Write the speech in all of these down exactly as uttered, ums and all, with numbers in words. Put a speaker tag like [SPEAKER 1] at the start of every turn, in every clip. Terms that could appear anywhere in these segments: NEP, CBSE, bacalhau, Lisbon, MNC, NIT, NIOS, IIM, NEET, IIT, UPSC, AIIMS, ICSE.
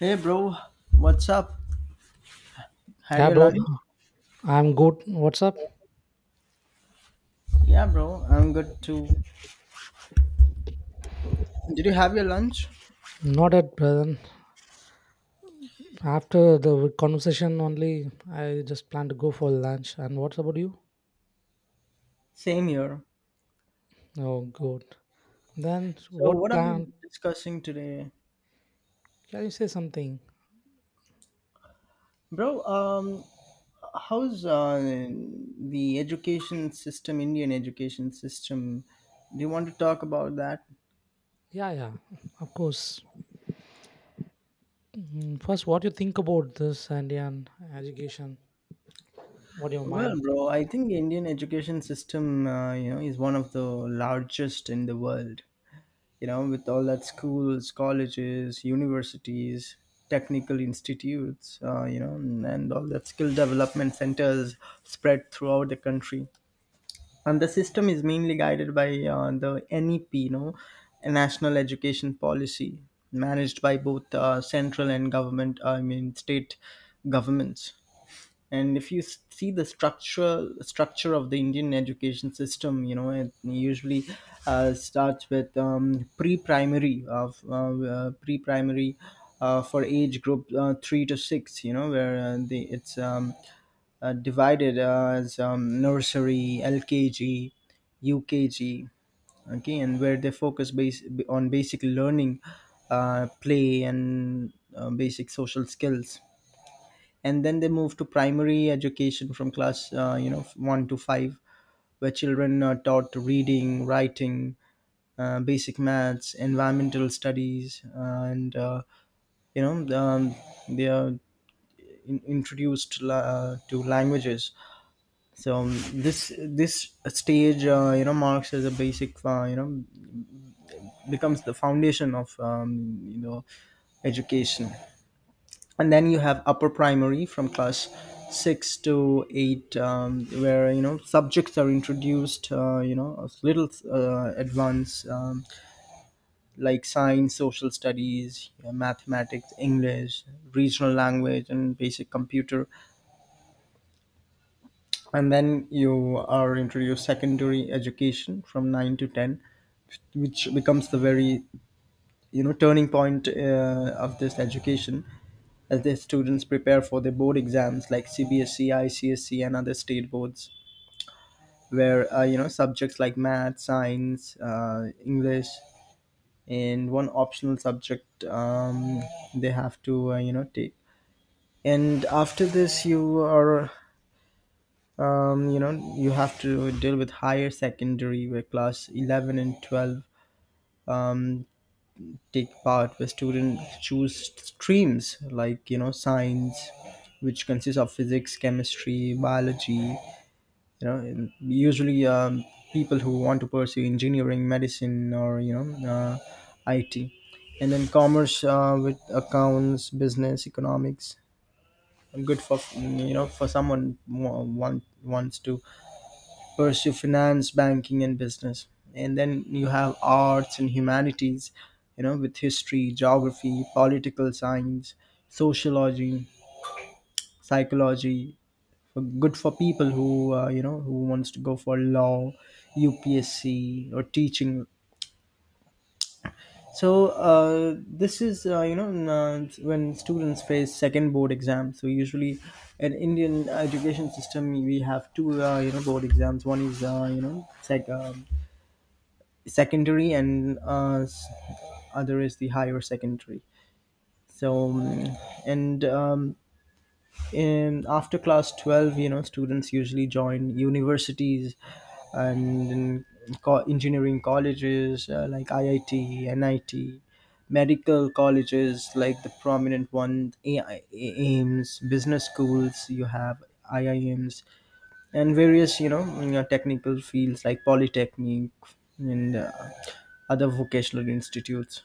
[SPEAKER 1] Hey bro, what's up? Had
[SPEAKER 2] Yeah,
[SPEAKER 1] your
[SPEAKER 2] bro.
[SPEAKER 1] lunch?
[SPEAKER 2] I'm good. What's up?
[SPEAKER 1] Yeah, bro, I'm good too. Did you have your lunch?
[SPEAKER 2] Not at present. After the conversation only, I just plan to go for lunch. And what about you?
[SPEAKER 1] Same here.
[SPEAKER 2] Oh, good. Then
[SPEAKER 1] So,
[SPEAKER 2] what
[SPEAKER 1] what are we
[SPEAKER 2] plan?
[SPEAKER 1] discussing today?
[SPEAKER 2] Can you say something?
[SPEAKER 1] Bro, um how's uh, the education system, Indian education system? Do you want to talk about that?
[SPEAKER 2] Yeah, yeah. Of course. Mm, First, what you think about this Indian education? What your mind?
[SPEAKER 1] Well, bro, I think the Indian education system, uh, you know, is one of the largest in the world. You know, with all that schools, colleges, universities, technical institutes, uh, you know, and, and all that skill development centers spread throughout the country. And the system is mainly guided by uh, the N E P, you know, a National Education Policy, managed by both uh, central and government, I mean, state governments. And if you s- see the structural structure of the indian education system, you know it usually uh, starts with um, pre-primary of uh, uh, pre-primary uh, for age group uh, three to six, you know where uh, the it's um, uh, divided uh, as um, nursery, L K G, U K G. Okay. And where they focus base on basic learning, uh, play and uh, basic social skills. And then they move to primary education from class uh, you know one to five where children are taught reading, writing, uh, basic maths, environmental studies, uh, and uh, you know um, they are in, introduced uh, to languages. So um, this this stage uh, you know marks as a basic, uh, you know becomes the foundation of um, you know education. And then you have upper primary from class six to eight, um, where you know subjects are introduced, uh, you know a little uh, advanced, um, like science, social studies, uh, mathematics, english, regional language and basic computer. And then you are introduced secondary education from nine to ten, which becomes the very, you know turning point uh, of this education, as their students prepare for their board exams like C B S E, I C S E, and other state boards, where uh, you know subjects like math, science, uh, English, and one optional subject, um, they have to, uh, you know take. And after this, you are, um, you know you have to deal with higher secondary, where class eleven and twelve, um, take part, where students choose streams like, you know science, which consists of physics, chemistry, biology, you know and usually, um, people who want to pursue engineering, medicine, or you know uh, it. And then commerce uh, with accounts, business, economics, good for, you know for someone who want, wants to pursue finance, banking and business. And then you have arts and humanities, you know with history, geography, political science, sociology, psychology, good for people who, uh, you know who wants to go for law, U P S C or teaching. So uh, this is, uh, you know n- uh, when students face second board exam, so usually in indian education system we have two, uh, you know board exams. One is, uh, you know sec- um secondary, and uh, s- other is the higher secondary. So um, and um, In after class twelve, you know students usually join universities and in, co- engineering colleges uh, like I I T, N I T, medical colleges like the prominent one A I, aims, business schools you have I I M S, and various, you know you technical fields like polytechnic and uh, other vocational institutes.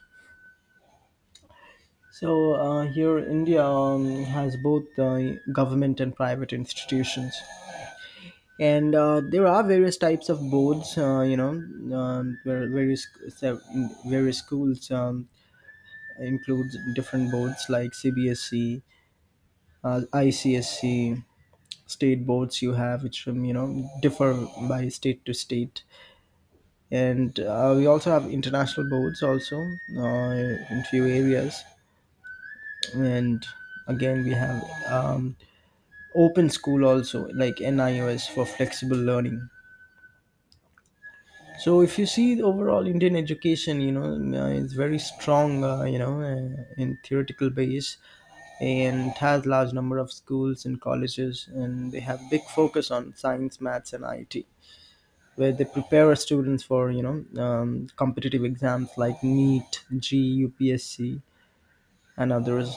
[SPEAKER 1] So uh, here india, um, has both uh, government and private institutions. And uh, there are various types of boards, uh, you know um, where various, so in various schools, um, include different boards like C B S C, uh, I C S C, state boards you have, which, um, you know differ by state to state. And uh, we also have international boards also, uh, in few areas. And again we have, um, open school also like N I O S for flexible learning. So if you see the overall Indian education, you know, uh, it's very strong, uh, you know, uh, in theoretical base, and has large number of schools and colleges, and they have big focus on science, maths and I T, where they prepare our students for, you know, um, competitive exams like NEET, G U P S C, and others.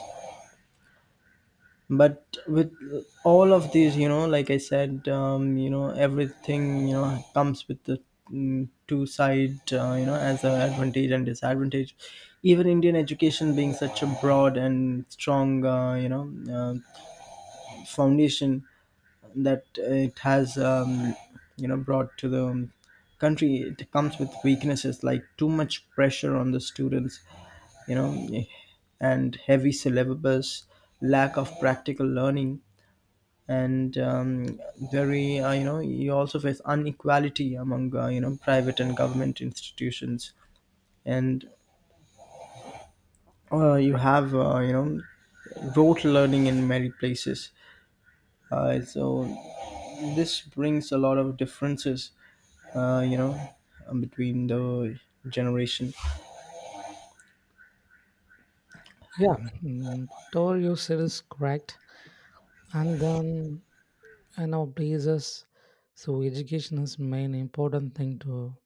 [SPEAKER 1] But with all of these, you know like I said, um, you know everything, you know comes with the, mm, two side, uh, you know as a advantage and disadvantage. Even indian education, being such a broad and strong, uh, you know uh, foundation that it has, um, you know brought to the country, it comes with weaknesses like too much pressure on the students, you know and heavy syllabus, lack of practical learning, and, um, very, uh, you know you also face inequality among, uh, you know private and government institutions. And uh, you have, uh, you know rote learning in many places. Uh, so this brings a lot of differences, uh, you know um, between the generation.
[SPEAKER 2] Yeah, mm, whatever you said is correct. And then, in our places, so education is main important thing to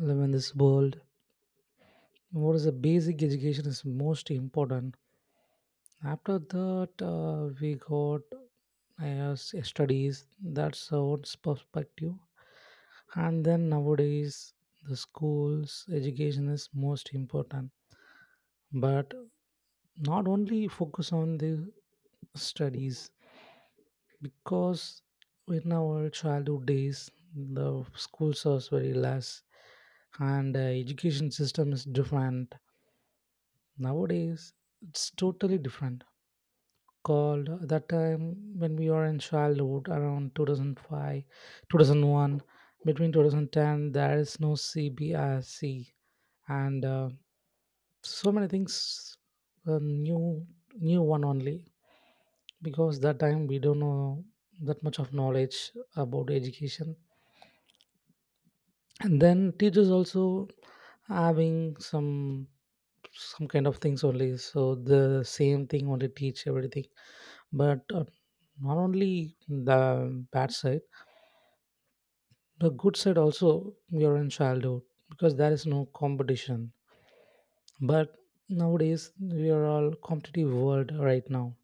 [SPEAKER 2] live in this world. What is the basic education is most important. After that, uh, we got uh, s- studies. That's our perspective. And then nowadays the schools education is most important, but not only focus on the studies, because in our childhood days the schools was very less, and uh, education system is different. Nowadays it's totally different. Called uh, that time when we were in childhood, around two thousand five, two thousand one, between two thousand ten, there is no cbrc, and uh, so many things, uh, new new one only. Because that time we don't know that much of knowledge about education. And then teachers also having some some kind of things only, so the same thing only teach everything. But uh, not only the bad side, the good side also. We are in childhood, because there is no competition. But nowadays we are all competitive world right now.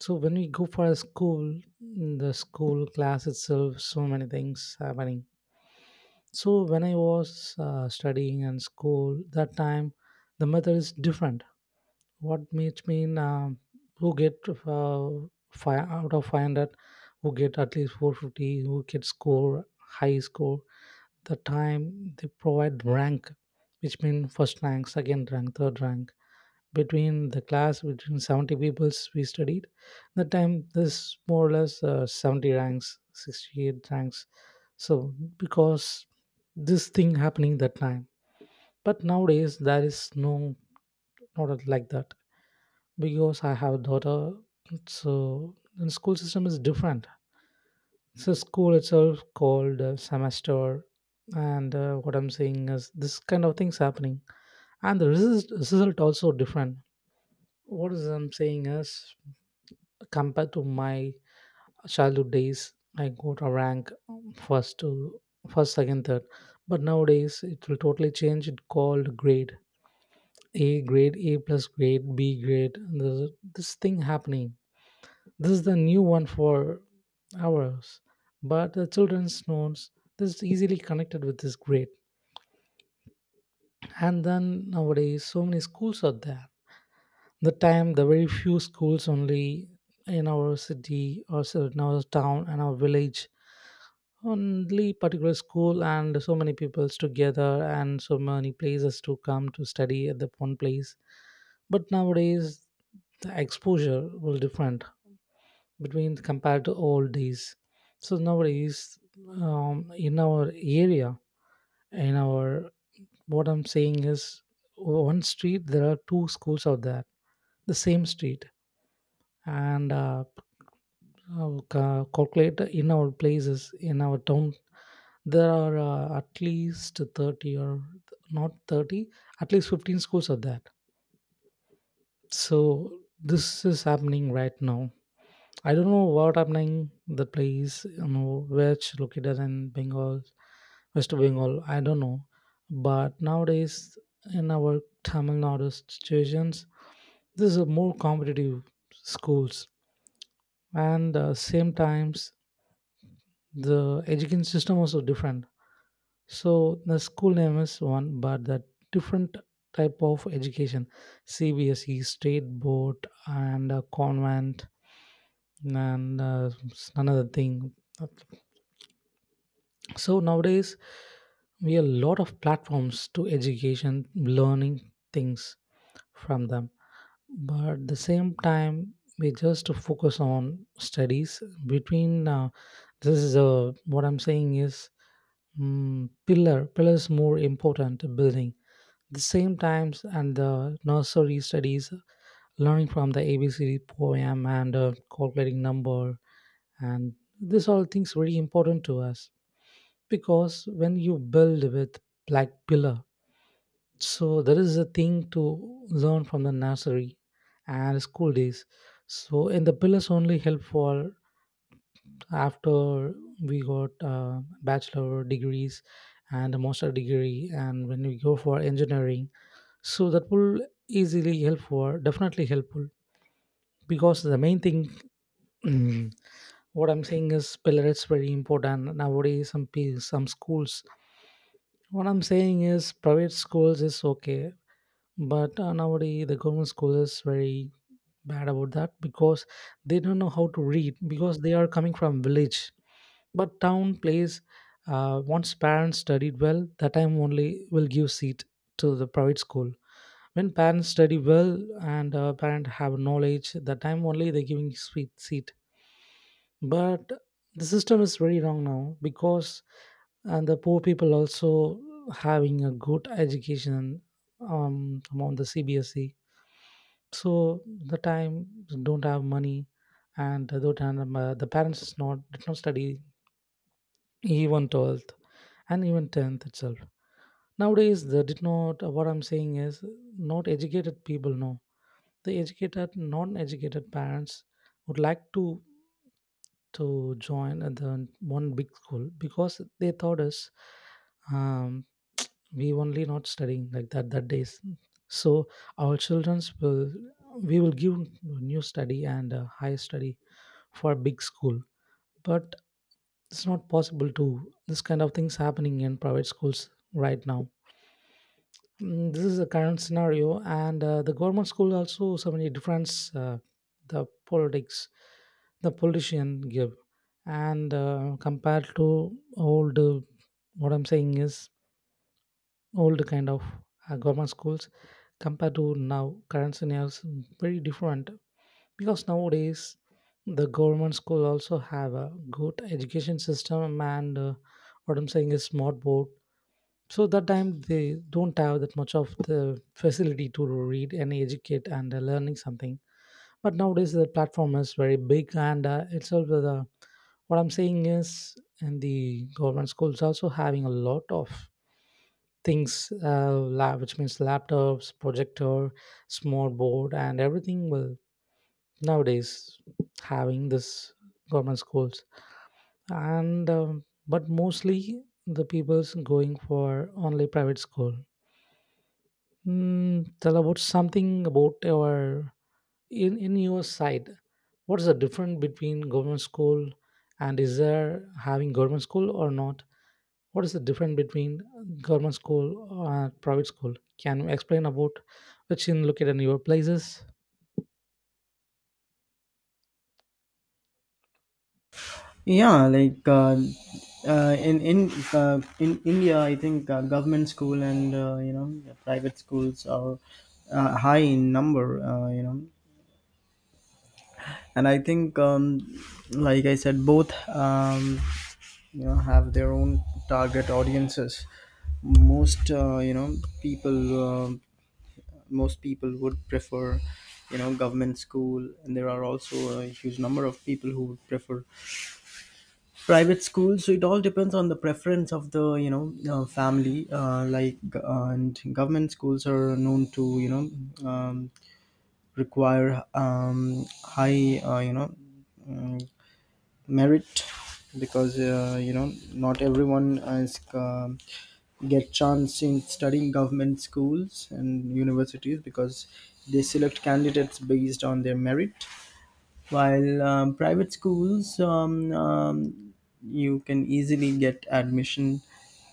[SPEAKER 2] So when we go for a school, in the school class itself so many things happening. So when I was uh, studying in school that time, the method is different. What makes mean, um, who get uh, five out of five hundred, who get at least four hundred fifty, who get score, high score, the time they provide rank, which means first rank, second rank, third rank. Between the class, between seventy peoples we studied, that time there's more or less uh, seventy ranks, sixty-eight ranks. So because this thing happening that time. But nowadays there is no, not like that. Because I have a daughter, so the school system is different. So school itself called a semester, and uh, what I'm saying is this kind of things happening, and the result, result also different. What is I'm saying is, compared to my childhood days, I got a rank, um, first to first, second, third. But nowadays it will totally change. It called grade A, grade A plus, grade B grade. And there's this thing happening. This is the new one for hours. But the children's notes, this is easily connected with this grade. And then nowadays, so many schools are there. The time, the very few schools only in our city, or so in our town and our village, only particular school, and so many peoples together, and so many places to come to study at the one place. But nowadays, the exposure will different between compared to old days. So nowadays, um, in our area, in our, what I'm saying is, one street there are two schools out there, the same street. And uh, uh, ca- calculate in our places, in our town there are uh, at least thirty, or not thirty, at least fifteen schools are there. So this is happening right now. I don't know what happening the place, you know which located in Bengal, West Bengal, I don't know. But nowadays, in our Tamil Nadu situations, this is more competitive schools, and uh, same times the education system also different. So the school name is one, but the different type of education, C B S E, state board, and uh, convent, and uh, another thing. So nowadays, we have a lot of platforms to education, learning things from them. But at the same time, we just focus on studies. Between uh, this is a what I'm saying is mm pillar. Pillar is more important building. The same times and the nursery studies, learning from the A B C D poem and uh, calculating number, and this all things very important to us, because when you build with like pillar, so there is a thing to learn from the nursery and school days. So and the pillars only help for, after we got uh, bachelor degrees and a master degree, and when we go for engineering, so that will easily help for, definitely helpful. Because the main thing, what I'm saying is, pillar is very important. Nowadays some pe- some schools, what I'm saying is private schools is okay, but uh, nowadays the government school is very bad about that, because they don't know how to read, because they are coming from village. But town plays, uh, once parents studied well, that time only will give seat to the private school. When parents study well, and uh, parent have knowledge, that time only they giving sweet seat. But the system is very wrong now, because, and the poor people also having a good education, um, among the cbse. So the time don't have money, and the don't have, uh, the parents is not did not study even twelfth, and even tenth itself. Nowadays they did not uh, what I'm saying is, not educated people, no, the educated non-educated parents would like to to join at the one big school, because they thought is, um, we only not studying like that that days. So our children's will we will give new study and uh, higher study for big school. But it's not possible to, this kind of things happening in private schools right now. Mm, this is the current scenario, and uh, the government school also so many difference. uh, the politics, the politician give. And uh, compared to old, uh, what I'm saying is, old kind of uh, government schools, compared to now current scenario is very different. Because nowadays the government school also have a good education system, and uh, what I'm saying is smart board. So that time they don't have that much of the facility to read and educate and uh, learning something. But nowadays the platform is very big, and uh, itself the, what I'm saying is, and the government schools also having a lot of things, uh, la- which means laptops, projector, smart board, and everything will nowadays having, this government schools. And um, but mostly the people's going for only private school. Mm, tell about something about your, in in your side. What's the difference between government school, and is there having government school or not? What is the difference between government school and private school? Can you explain about, which in located in your places?
[SPEAKER 1] Yeah, like, uh, uh, in in uh, in India, I think, uh, government school and, uh, you know private schools are, uh, high in number. Uh, you know, and I think, um, like I said, both, um, you know have their own target audiences. Most, uh, you know people, uh, most people would prefer, you know government school, and there are also a huge number of people who would prefer private school. So it all depends on the preference of the, you know uh, family, uh, like uh, and government schools are known to, you know um, require, um, high, uh, you know mm, merit. Because, uh, you know not everyone is, um, get chance in studying government schools and universities because they select candidates based on their merit. While, um, private schools, um, um, you can easily get admission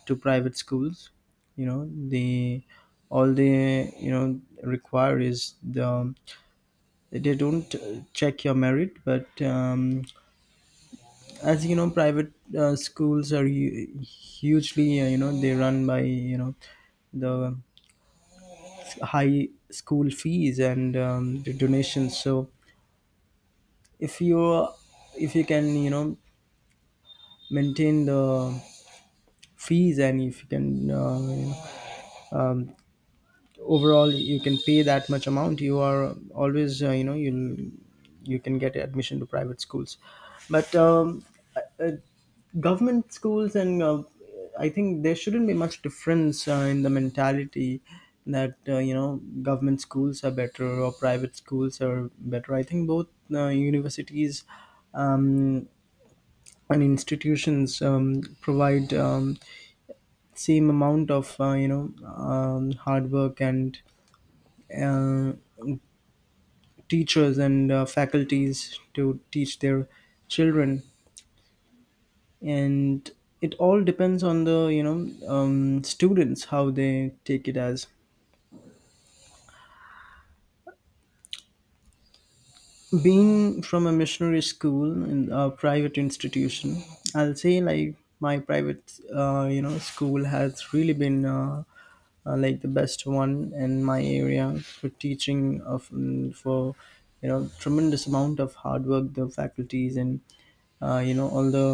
[SPEAKER 1] to private schools. you know they, all they, you know require is the, they don't, uh, check your merit. But, um, as you know, private, uh, schools are, hu- hugely, uh, you know they run by, you know the high school fees and, um, the donations. So if you, if you can, you know maintain the fees, and if you can, uh, you know, um, overall you can pay that much amount, you are always, uh, you know you'll you can get admission to private schools. But, um, uh, government schools and, uh, I think there shouldn't be much difference, uh, in the mentality, that, uh, you know government schools are better or private schools are better. I think both, uh, universities, um, and institutions, um, provide, um, same amount of, uh, you know um, hard work, and uh, teachers and, uh, faculties to teach their children. And it all depends on the, you know um, students, how they take it. As being from a missionary school in a private institution, I'll say, like, my private, uh, you know school has really been, uh, uh, like the best one in my area, for teaching of, mm, for, you know tremendous amount of hard work the faculties, and uh, you know all the,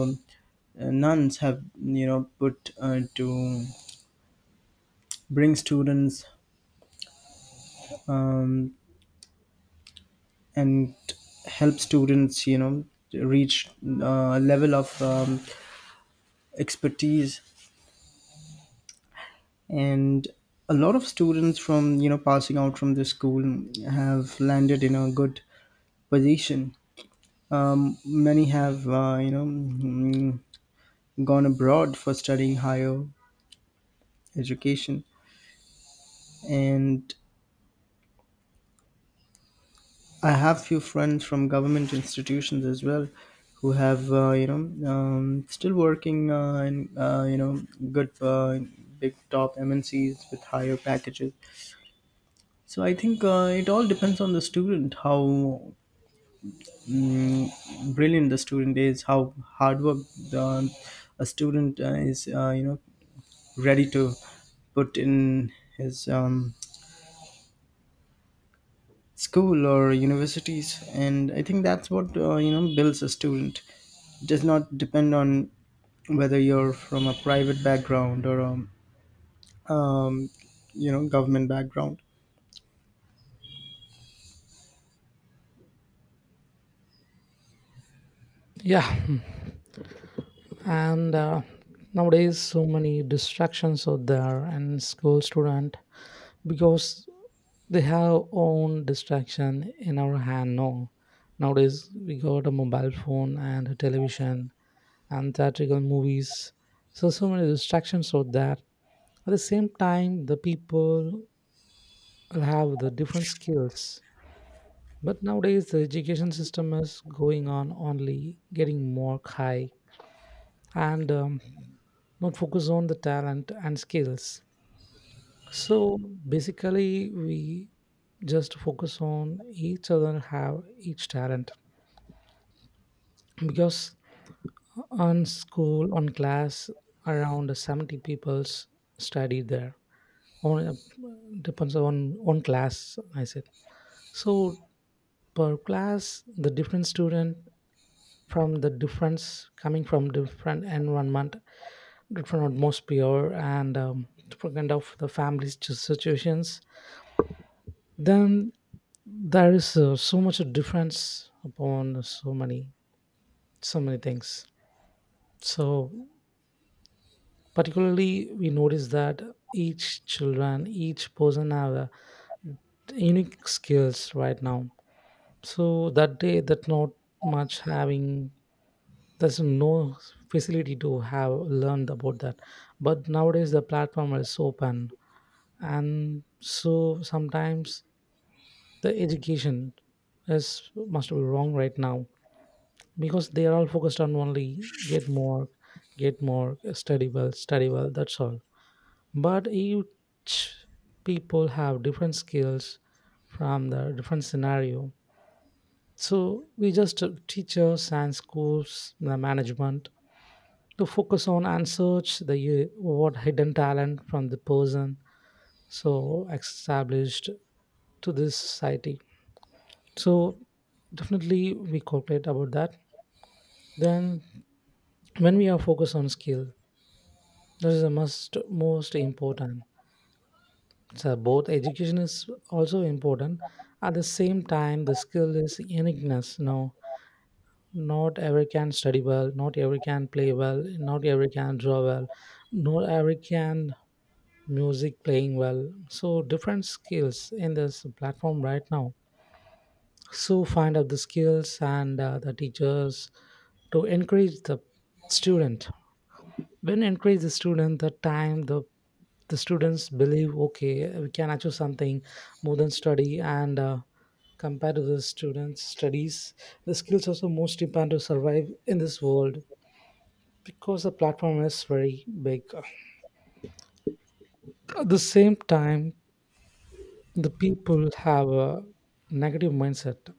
[SPEAKER 1] uh, nuns have, you know put, uh, to bring students, um, and help students, you know reach a level of, um, expertise. And a lot of students from, you know passing out from the school have landed in a good position. Um, many have, uh, you know mm, gone abroad for studying higher education. And I have few friends from government institutions as well, who have, uh, you know um, still working, uh, in, uh, you know good, uh, big top M N Cs with higher packages. So I think, uh, it all depends on the student. How, mm, brilliant the student is, how hard work the, a student, uh, is uh, you know ready to put in his, um, school or universities. And I think that's what, uh, you know builds a student. Does not depend on whether you're from a private background or a, um, you know government background.
[SPEAKER 2] Yeah. And uh, nowadays so many distractions out there and school student, because they have own distraction in our hand now. Nowadays we got a mobile phone and a television and theatrical movies. So so many distractions out there. At the same time the people will have the different skills. But nowadays, the education system is going on only getting more high, and um, not focus on the talent and skills. So basically, we just focus on each other have each talent, because on school, on class around seventy people's study there, on uh, depends on one class I said. So per class the different student from the difference, coming from different environment, different atmosphere, and um, different kind of the family's ch- situations. Then there is uh, so much difference upon so many so many things. So particularly we notice that each children, each person have a unique skills right now. So that day that not much having, there's no facility to have learned about that. But nowadays the platform is open. And so sometimes the education is must be wrong right now, because they are all focused on only get more get more, study well, study well, that's all. But each people have different skills from the different scenario. So we just, uh, teachers and schools, the management, to focus on and search the, uh, what hidden talent from the person. So established to this society. So definitely we cooperate about that. Then when we are focused on skill, that is the most most important. So both education is also important. At the same time the skill is uniqueness. No, not every can study well, not every can play well, not every can draw well, not every can music playing well. So different skills in this platform right now. So find out the skills, and uh, the teachers to encourage the student. When encourage the student, the time the the students believe, okay, we can achieve something more than study and uh, compared to the students studies. The skills also most important to survive in this world because the platform is very big. At the same time, the people have a negative mindset.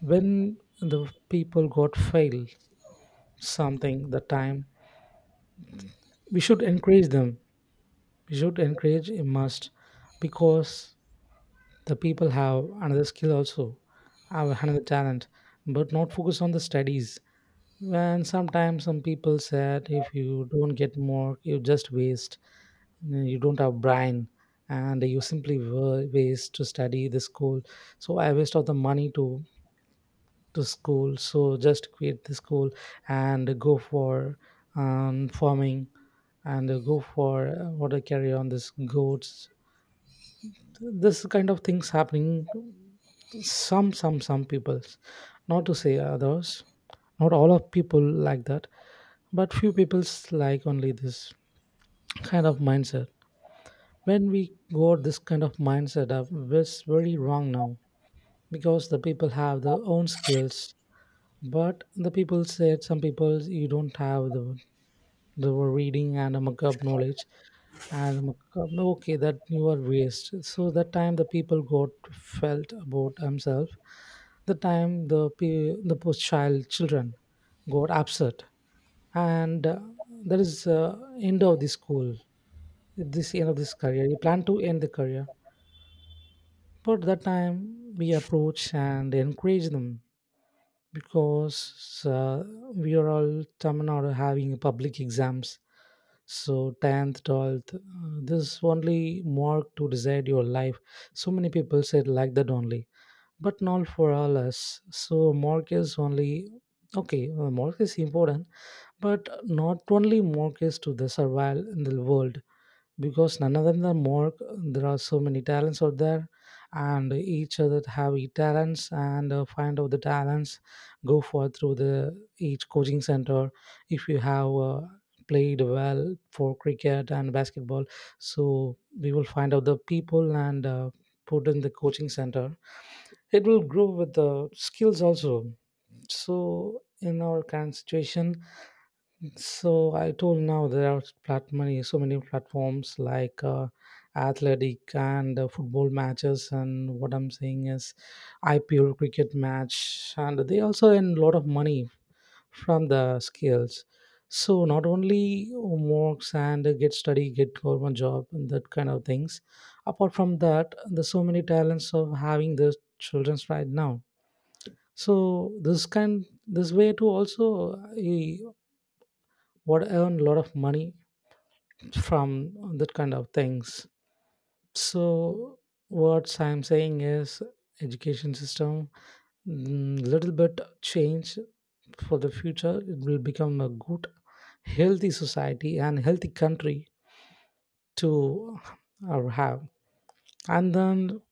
[SPEAKER 2] When the people got fail something, the time we should encourage them, we should encourage a must, because the people have another skill also, have another talent, but not focus on the studies. When sometimes some people said, if you don't get more you just waste, you don't have brain, and you simply wa- waste to study the school, so I waste of the money to to school, so just quit the school and go for um, farming, and uh, go for uh, what I carry on this goats. This kind of things happening. Some some some peoples, not to say others, not all of people like that, but few people's like only this kind of mindset. When we got this kind of mindset up, it's very wrong now because the people have their own skills. But the people said, some people, you don't have the the reading and a mug knowledge and mug, okay, that you are waste. So that time the people got felt about themselves. The time the pe- the post child children got upset, and uh, that is uh, end of the school. This end of this career. You plan to end the career, but that time we approach and encourage them, because uh, we are all Tamil Nadu having public exams. So tenth, twelfth, uh, this only mark to decide your life. So many people said like that only, but not for all us. So mark is only okay. uh, Mark is important, but not only mark is to the survival in the world because none of them are more, there are so many talents out there, and each other have e talents, and uh, find out the talents, go for through the each coaching center. If you have uh, played well for cricket and basketball, so we will find out the people and uh, put in the coaching center. It will grow with the skills also. So in our current situation, so I told now there are plat- many so many platforms like uh, athletic and uh, football matches, and what I'm saying is I P L cricket match, and they also earn a lot of money from the skills. So not only works and get study, get government job, and that kind of things. Apart from that, there's so many talents of having the childrens right now. So this kind, this way to also uh, what earn a lot of money from that kind of things. So what I'm saying is education system, mm, little bit change for the future, it will become a good healthy society and healthy country to uh, have. And then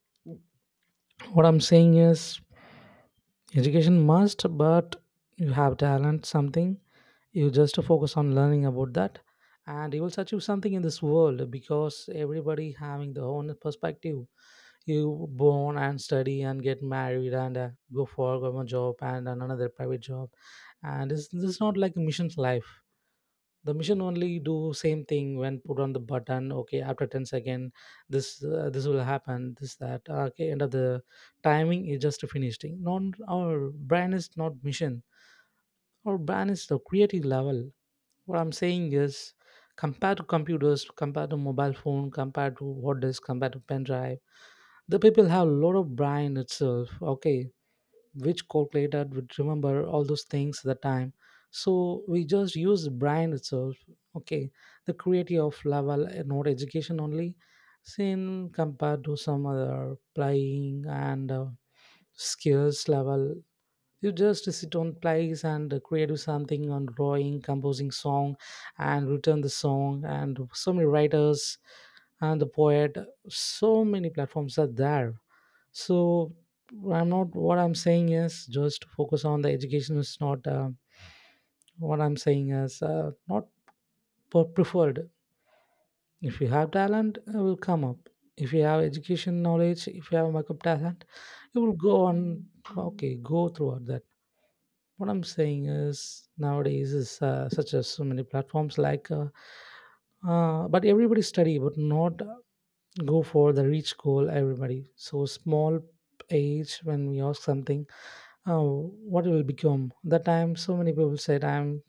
[SPEAKER 2] what I'm saying is education must, but you have talent something, you just focus on learning about that, and you will achieve something in this world because everybody having their own perspective. You born and study and get married and uh, go for a government job and another private job, and this, this is not like a mission's life. The mission only do same thing when put on the button, okay, after ten second, this uh, this will happen this that, okay, end of the timing is just finished thing, non our brand is not mission. Our brand is the creative level. What I'm saying is, compared to computers, compared to mobile phone, compared to hard disk, compared to pen drive, the people have a lot of brain itself, okay, which calculator would remember all those things at the time. So we just use brain itself, okay, the creative of level and not education only seen, compared to some other playing and uh, skills level. You just sit on plays and create something on drawing, composing song and return the song, and so many writers and the poet, so many platforms are there. So I'm not, what I'm saying is just focus on the education is not uh, what I'm saying is uh, not per- preferred. If you have talent, it will come up. If you have education knowledge, if you have makeup talent, you will go on. Okay, go throughout that. What I'm saying is nowadays is uh, such as so many platforms like uh, uh, but everybody study, but not uh, go for the reach goal, everybody so small age. When we ask something, oh, what will become? That time, so many people said, "I'm,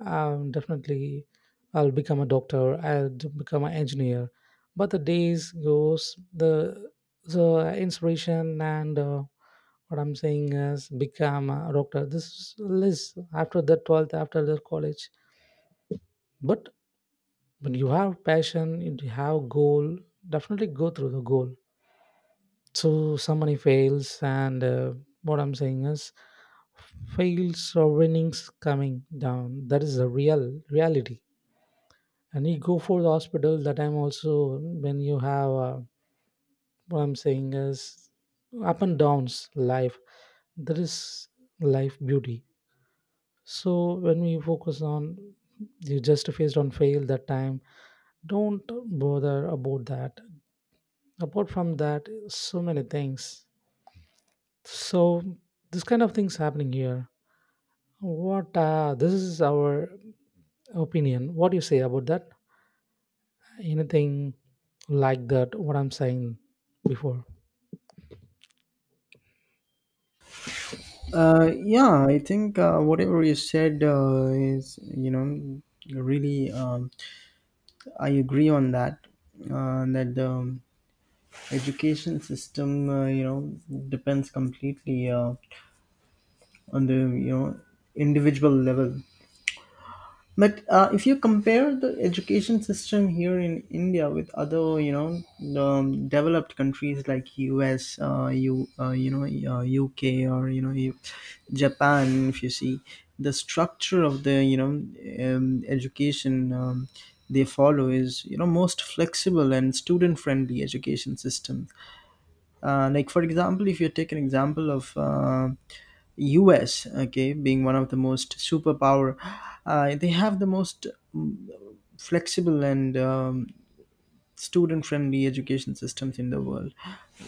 [SPEAKER 2] I'm definitely, I'll become a doctor. I'll d- become an engineer." But the days goes, the the inspiration and uh, what I'm saying is become a doctor. This is list after the twelfth, after the college. But when you have passion, you have goal. Definitely go through the goal. So somebody fails, and uh, what I'm saying is fails or winnings coming down. That is the real reality. And you go for the hospital. That time also when you have uh, what I'm saying is up and downs life. That is life beauty. So when we focus on, you just faced on fail that time, don't bother about that. Apart from that, so many things. So this kind of things happening here. What uh, this is our opinion. What do you say about that? Anything like that? What I'm saying before?
[SPEAKER 1] uh, Yeah, I think, uh, whatever you said, uh, is, you know really um, I agree on that. Uh, that the, um, education system, uh, you know depends completely, uh, on the, you know individual level. But, uh, if you compare the education system here in India with other, you know, um, developed countries like U S, uh, you uh, you know, uh, U K, or, you know, you- Japan, if you see the structure of the, you know um, education, um, they follow is, you know most flexible and student friendly education system. Uh, like for example, if you take an example of, uh, us. Okay, being one of the most superpower, uh, they have the most, mm, flexible and, um, student friendly education systems in the world.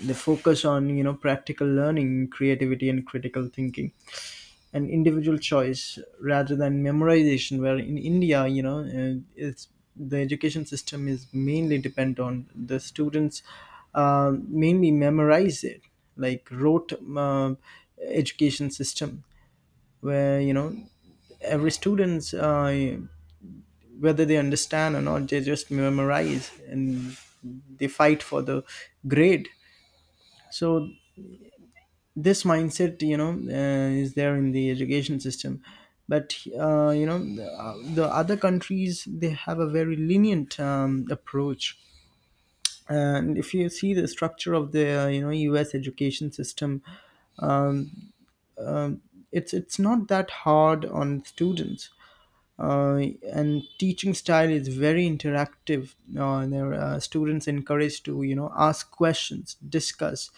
[SPEAKER 1] They focus on, you know practical learning, creativity and critical thinking, an individual choice rather than memorization, where in india, you know uh, it's, the education system is mainly depend on the students, uh, mainly memorize it, like rote um education system, where, you know every students, uh, whether they understand or not, they just memorize and they fight for the grade. So this mindset, you know uh, is there in the education system. But, uh, you know the, uh, the other countries they have a very lenient um, approach. And if you see the structure of the uh, you know U S education system, it's it's not that hard on students. uh, and teaching style is very interactive. Uh, there are students encouraged to you know ask questions, discuss,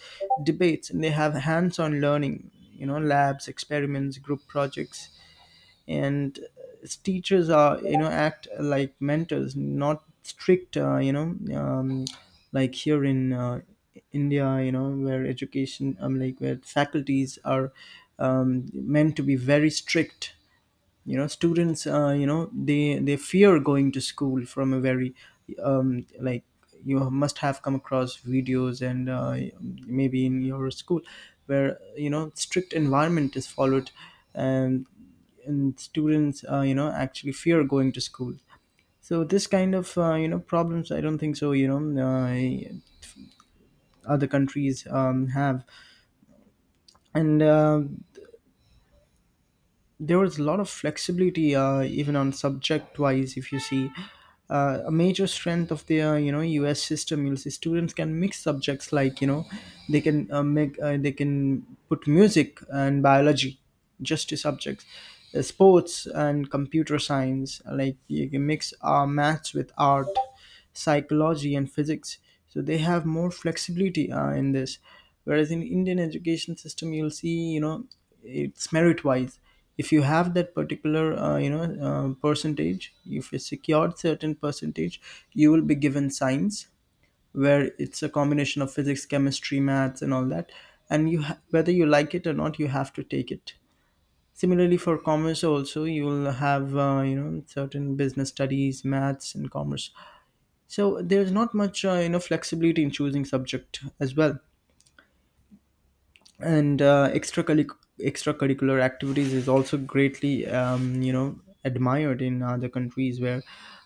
[SPEAKER 1] debates, and they have hands-on learning, you know labs, experiments, group projects. And uh, teachers are you know act like mentors, not strict, uh, you know um, like here in uh, India, you know where education, um, like where faculties are um, meant to be very strict. You know students, uh, you know they they fear going to school from a very um, like you must have come across videos, and uh, maybe in your school, where you know strict environment is followed, and and students, uh, you know actually fear going to school. So this kind of uh, you know problems I don't think so you know uh, other countries um, have. And uh, there was a lot of flexibility, uh, even on subject wise. If you see, uh, a major strength of their you know US system, you'll see students can mix subjects, like you know they can uh, make uh, they can put music and biology, just two subjects, uh, sports and computer science. Like you can mix uh, maths with art, psychology and physics. So they have more flexibility uh, in this. Whereas in Indian education system, you'll see you know it's merit wise. If you have that particular uh, you know uh, percentage, if you secured certain percentage, you will be given science, where it's a combination of physics, chemistry, maths and all that. And you ha- whether you like it or not, you have to take it. Similarly for commerce also, you will have uh, you know certain business studies, maths and commerce. So there's not much, uh, you know, flexibility in choosing subject as well. and uh, extracurric- extracurricular activities is also greatly, um, you know, admired in other countries where,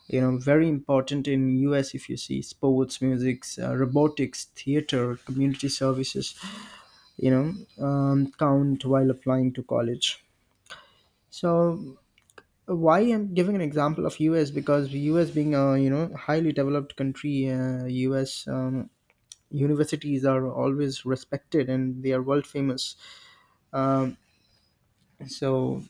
[SPEAKER 1] you know, very important in U S, if you see sports, music, uh, robotics, theater, community services, you know, um, count while applying to college. So why I'm giving an example of U S? Because U S being a you know highly developed country, uh, U S um, universities are always respected, and they are world famous. Um, so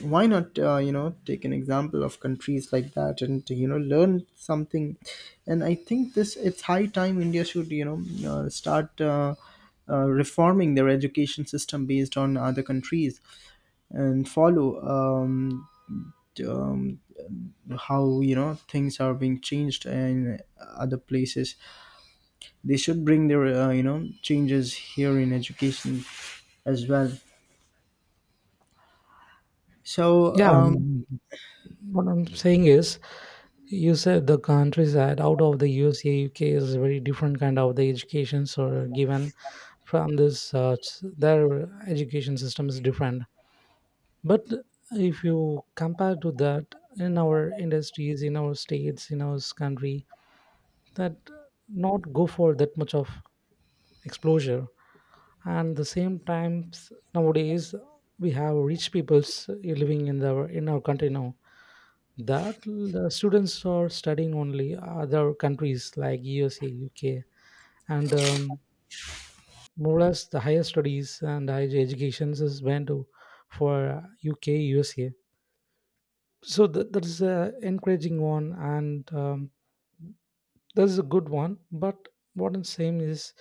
[SPEAKER 1] why not uh, you know take an example of countries like that and you know learn something? And I think this it's high time India should you know uh, start. Uh, uh, reforming their education system based on other countries, and follow um, um, how you know things are being changed in other places. They should bring their uh, you know changes here in education as well. So
[SPEAKER 2] Yeah,
[SPEAKER 1] um
[SPEAKER 2] mm, what I'm saying is, you said the countries that out of the U S A, U K is a very different kind of the educations are given from this. Uh, s- their education system is different. But if you compare to that, in our industries, in our states, in our country, that not go for that much of exposure. And the same times nowadays we have rich peoples living in the in our country now, that the students are studying only other countries like U S A, U K, and um, more or less the higher studies and higher educations is went to for U K, U S A. So th- that is a encouraging one, and um, that is a good one. But what I'm saying is,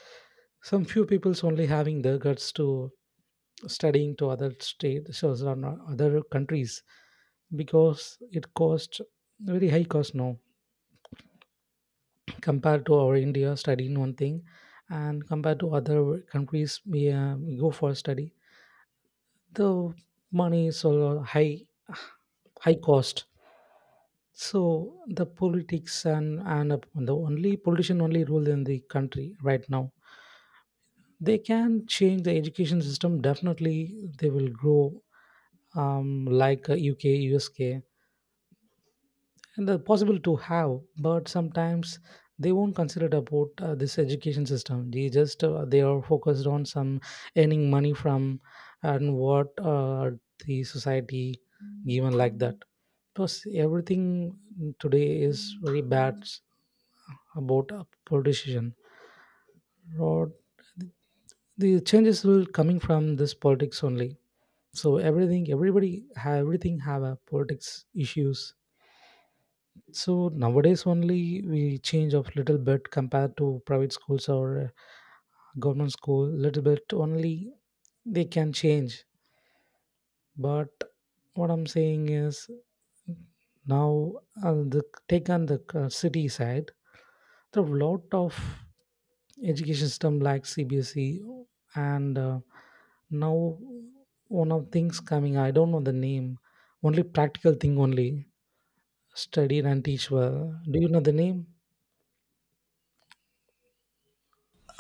[SPEAKER 2] some few people's only having the guts to studying to other states so so on uh, other countries because it cost very high cost now. Compared to our india studying one thing, and compared to other countries, we, uh, we go for study, the money is all high, high cost. So the politics and and the only politician only rule in the country right now. They can change the education system, definitely they will grow, um, like uh, UK, USK, and they're possible to have. But sometimes they won't consider about uh, this education system, they just uh, they are focused on some earning money from, and what uh, the society given like that. Plus everything today is very bad about uh, politician, or the changes will coming from this politics only. So everything, everybody have, everything have a politics issues. So nowadays only we change of little bit compared to private schools or uh, government school, little bit only they can change. But what I'm saying is now uh, the take on the uh, city side, there are a lot of education system like C B S E, and uh, now one of things coming. I don't know the name. Only practical thing only study and teach well. Do you know the name?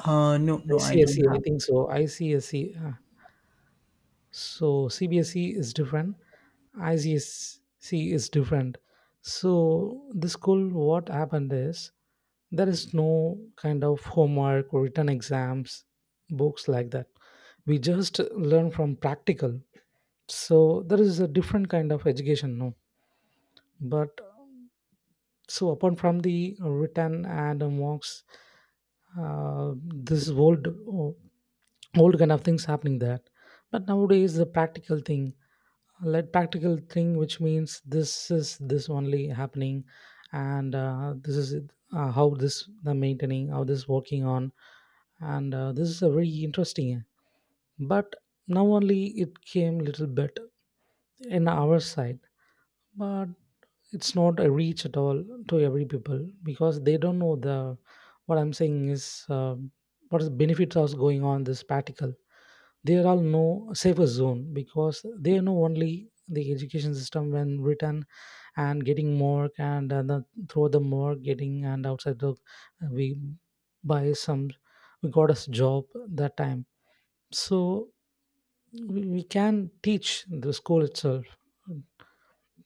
[SPEAKER 1] uh, no,
[SPEAKER 2] I
[SPEAKER 1] no, I
[SPEAKER 2] see, I
[SPEAKER 1] don't
[SPEAKER 2] see. I
[SPEAKER 1] have.
[SPEAKER 2] think so. I see, I see. Uh, so C B S E is different. I C S C is different. So the school, what happened is there is no kind of homework or written exams, books, like that. We just learn from practical. So there is a different kind of education, no? But so, apart from the written and mocks, uh, this old uh, old kind of things happening there. But nowadays, the practical thing, like practical thing, which means this is this only happening, and uh, this is it, uh, how this the maintaining, how this working on, and uh, this is a very interesting. But now only it came little bit in our side, but it's not a reach at all to every people because they don't know the, what I'm saying is um, what is the benefits are going on this particle. They are all no safer zone because they know only the education system when written and getting mark, and, and then through the mark getting and outside the we buy some we got us job that time. So we, we can teach the school itself,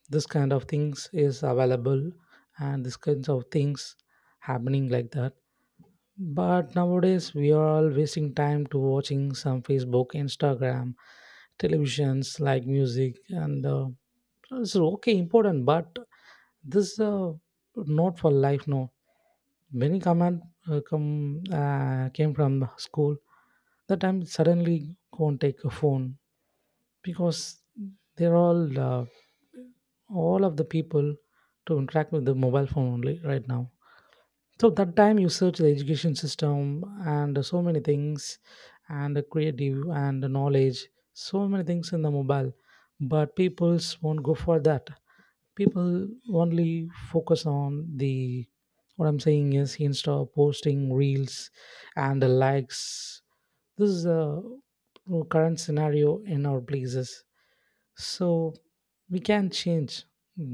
[SPEAKER 2] this kind of things is available, and this kinds of things happening like that. But nowadays we are all wasting time to watching some Facebook, Instagram, televisions like music and uh, it's okay important, but this uh, not for life, no. Many command uh, come uh, came from the school. That time suddenly go and take a phone because they're all uh, all of the people to interact with the mobile phone only right now. So that time you search the education system and so many things and the creative and the knowledge, so many things in the mobile, but peoples won't go for that. People only focus on the what I'm saying is insta posting reels and the likes. This is the current scenario in our places. So we can change,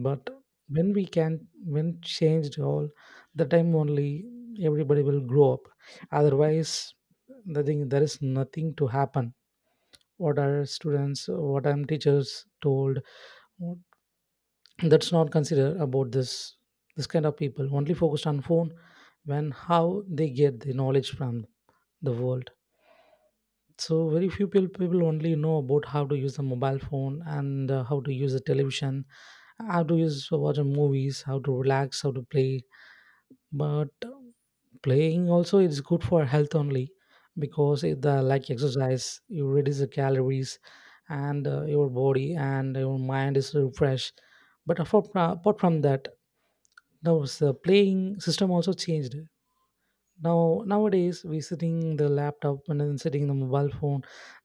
[SPEAKER 2] but when we can, when changed all the time only, everybody will grow up. Otherwise, the thing there is nothing to happen. What are students, what are teachers told, that's not considered about this. This kind of people only focused on phone. When how they get the knowledge from the world? So very few people people only know about how to use a mobile phone and uh, how to use a television, how to use to watch movies, how to relax, how to play. But um, playing also is good for health only because it, uh, like exercise, you reduce the calories and uh, your body and your mind is refreshed. But apart, apart from that, now the playing system also changed. Now nowadays, we sitting the laptop and then sitting the mobile phone,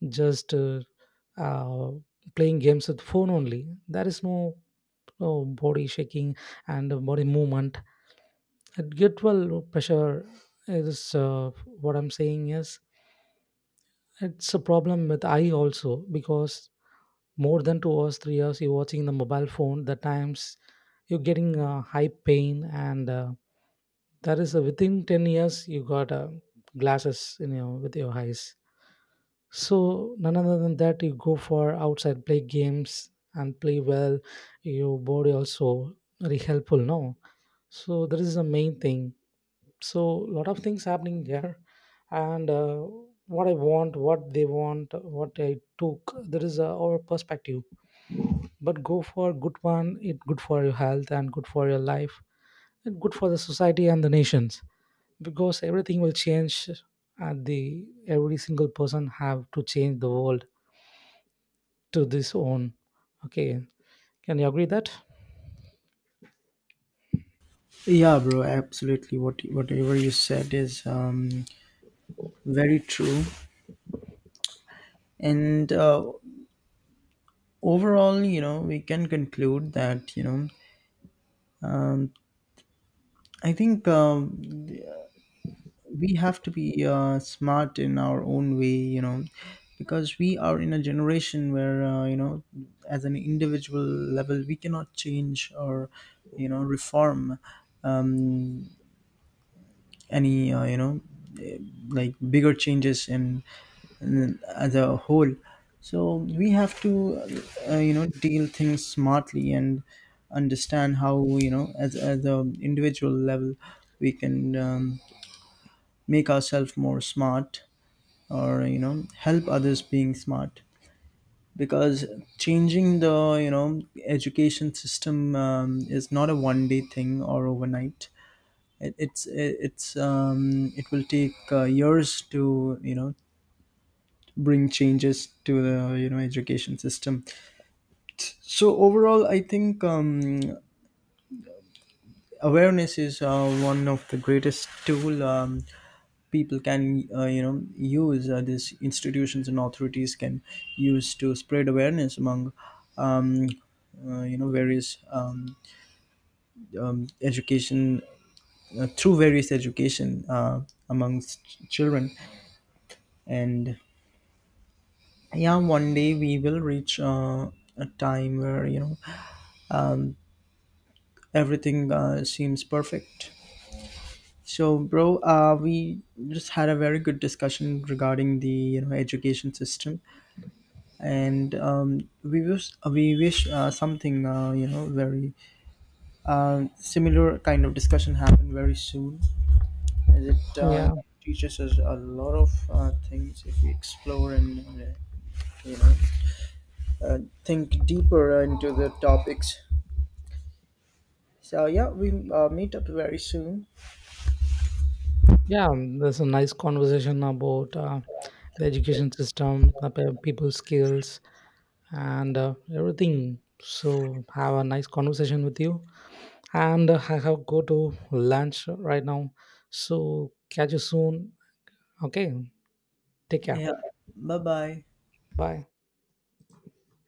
[SPEAKER 2] just uh, uh, playing games with phone only. There is no, no body shaking and uh, body movement. At get well pressure is uh, what I'm saying is it's a problem with eye also because more than two hours, three hours you're watching the mobile phone. The times you're getting uh, high pain, and uh, that is uh, within ten years you got uh, glasses in your with your eyes. So none other than that, you go for outside play games and play well. Your body also very helpful, no? So that is the main thing. So lot of things happening here, and uh, what I want, what they want, what I took, that is uh, our perspective. But go for good one. It good for your health and good for your life and good for the society and the nations because everything will change. And the every single person have to change the world to this own. Okay, can you agree that?
[SPEAKER 1] Yeah, bro, absolutely. What whatever you said is um very true. And uh, overall, you know, we can conclude that you know um, I think, um, we have to be uh, smart in our own way, you know. Because we are in a generation where, uh, you know, as an individual level, we cannot change or you know reform um, any uh, you know eh, like bigger changes in, in as a whole. So we have to uh, you know deal things smartly and understand how, you know as as a individual level, we can um, make ourselves more smart, or you know help others being smart. Because changing the you know education system um, is not a one day thing or overnight. It, it's it's um it will take uh, years to you know bring changes to the you know education system. So overall, I think, um awareness is uh, one of the greatest tool. Um, people can, uh, you know use, uh, these institutions and authorities can use, to spread awareness among, um, uh, you know various, um, um, education uh, through various education uh, amongst children. And yeah, one day we will reach uh, a time where, you know, everything uh, seems perfect. So bro, uh, we just had a very good discussion regarding the, you know, education system. And um, we wish we wish, uh, something, uh, you know very uh, similar kind of discussion happen very soon, as it, uh, you
[SPEAKER 2] Yeah,
[SPEAKER 1] know, teaches us a lot of uh, things if we explore, and uh, you know uh, think deeper into the topics. So yeah, we, uh, meet up very soon.
[SPEAKER 2] yeah. um, There's a nice conversation about uh, the education system, the pe- people's skills, and uh, everything. So have a nice conversation with you, and uh, I have go to lunch right now. So catch you soon. Okay, take care.
[SPEAKER 1] Yeah. Bye bye.
[SPEAKER 2] Bye.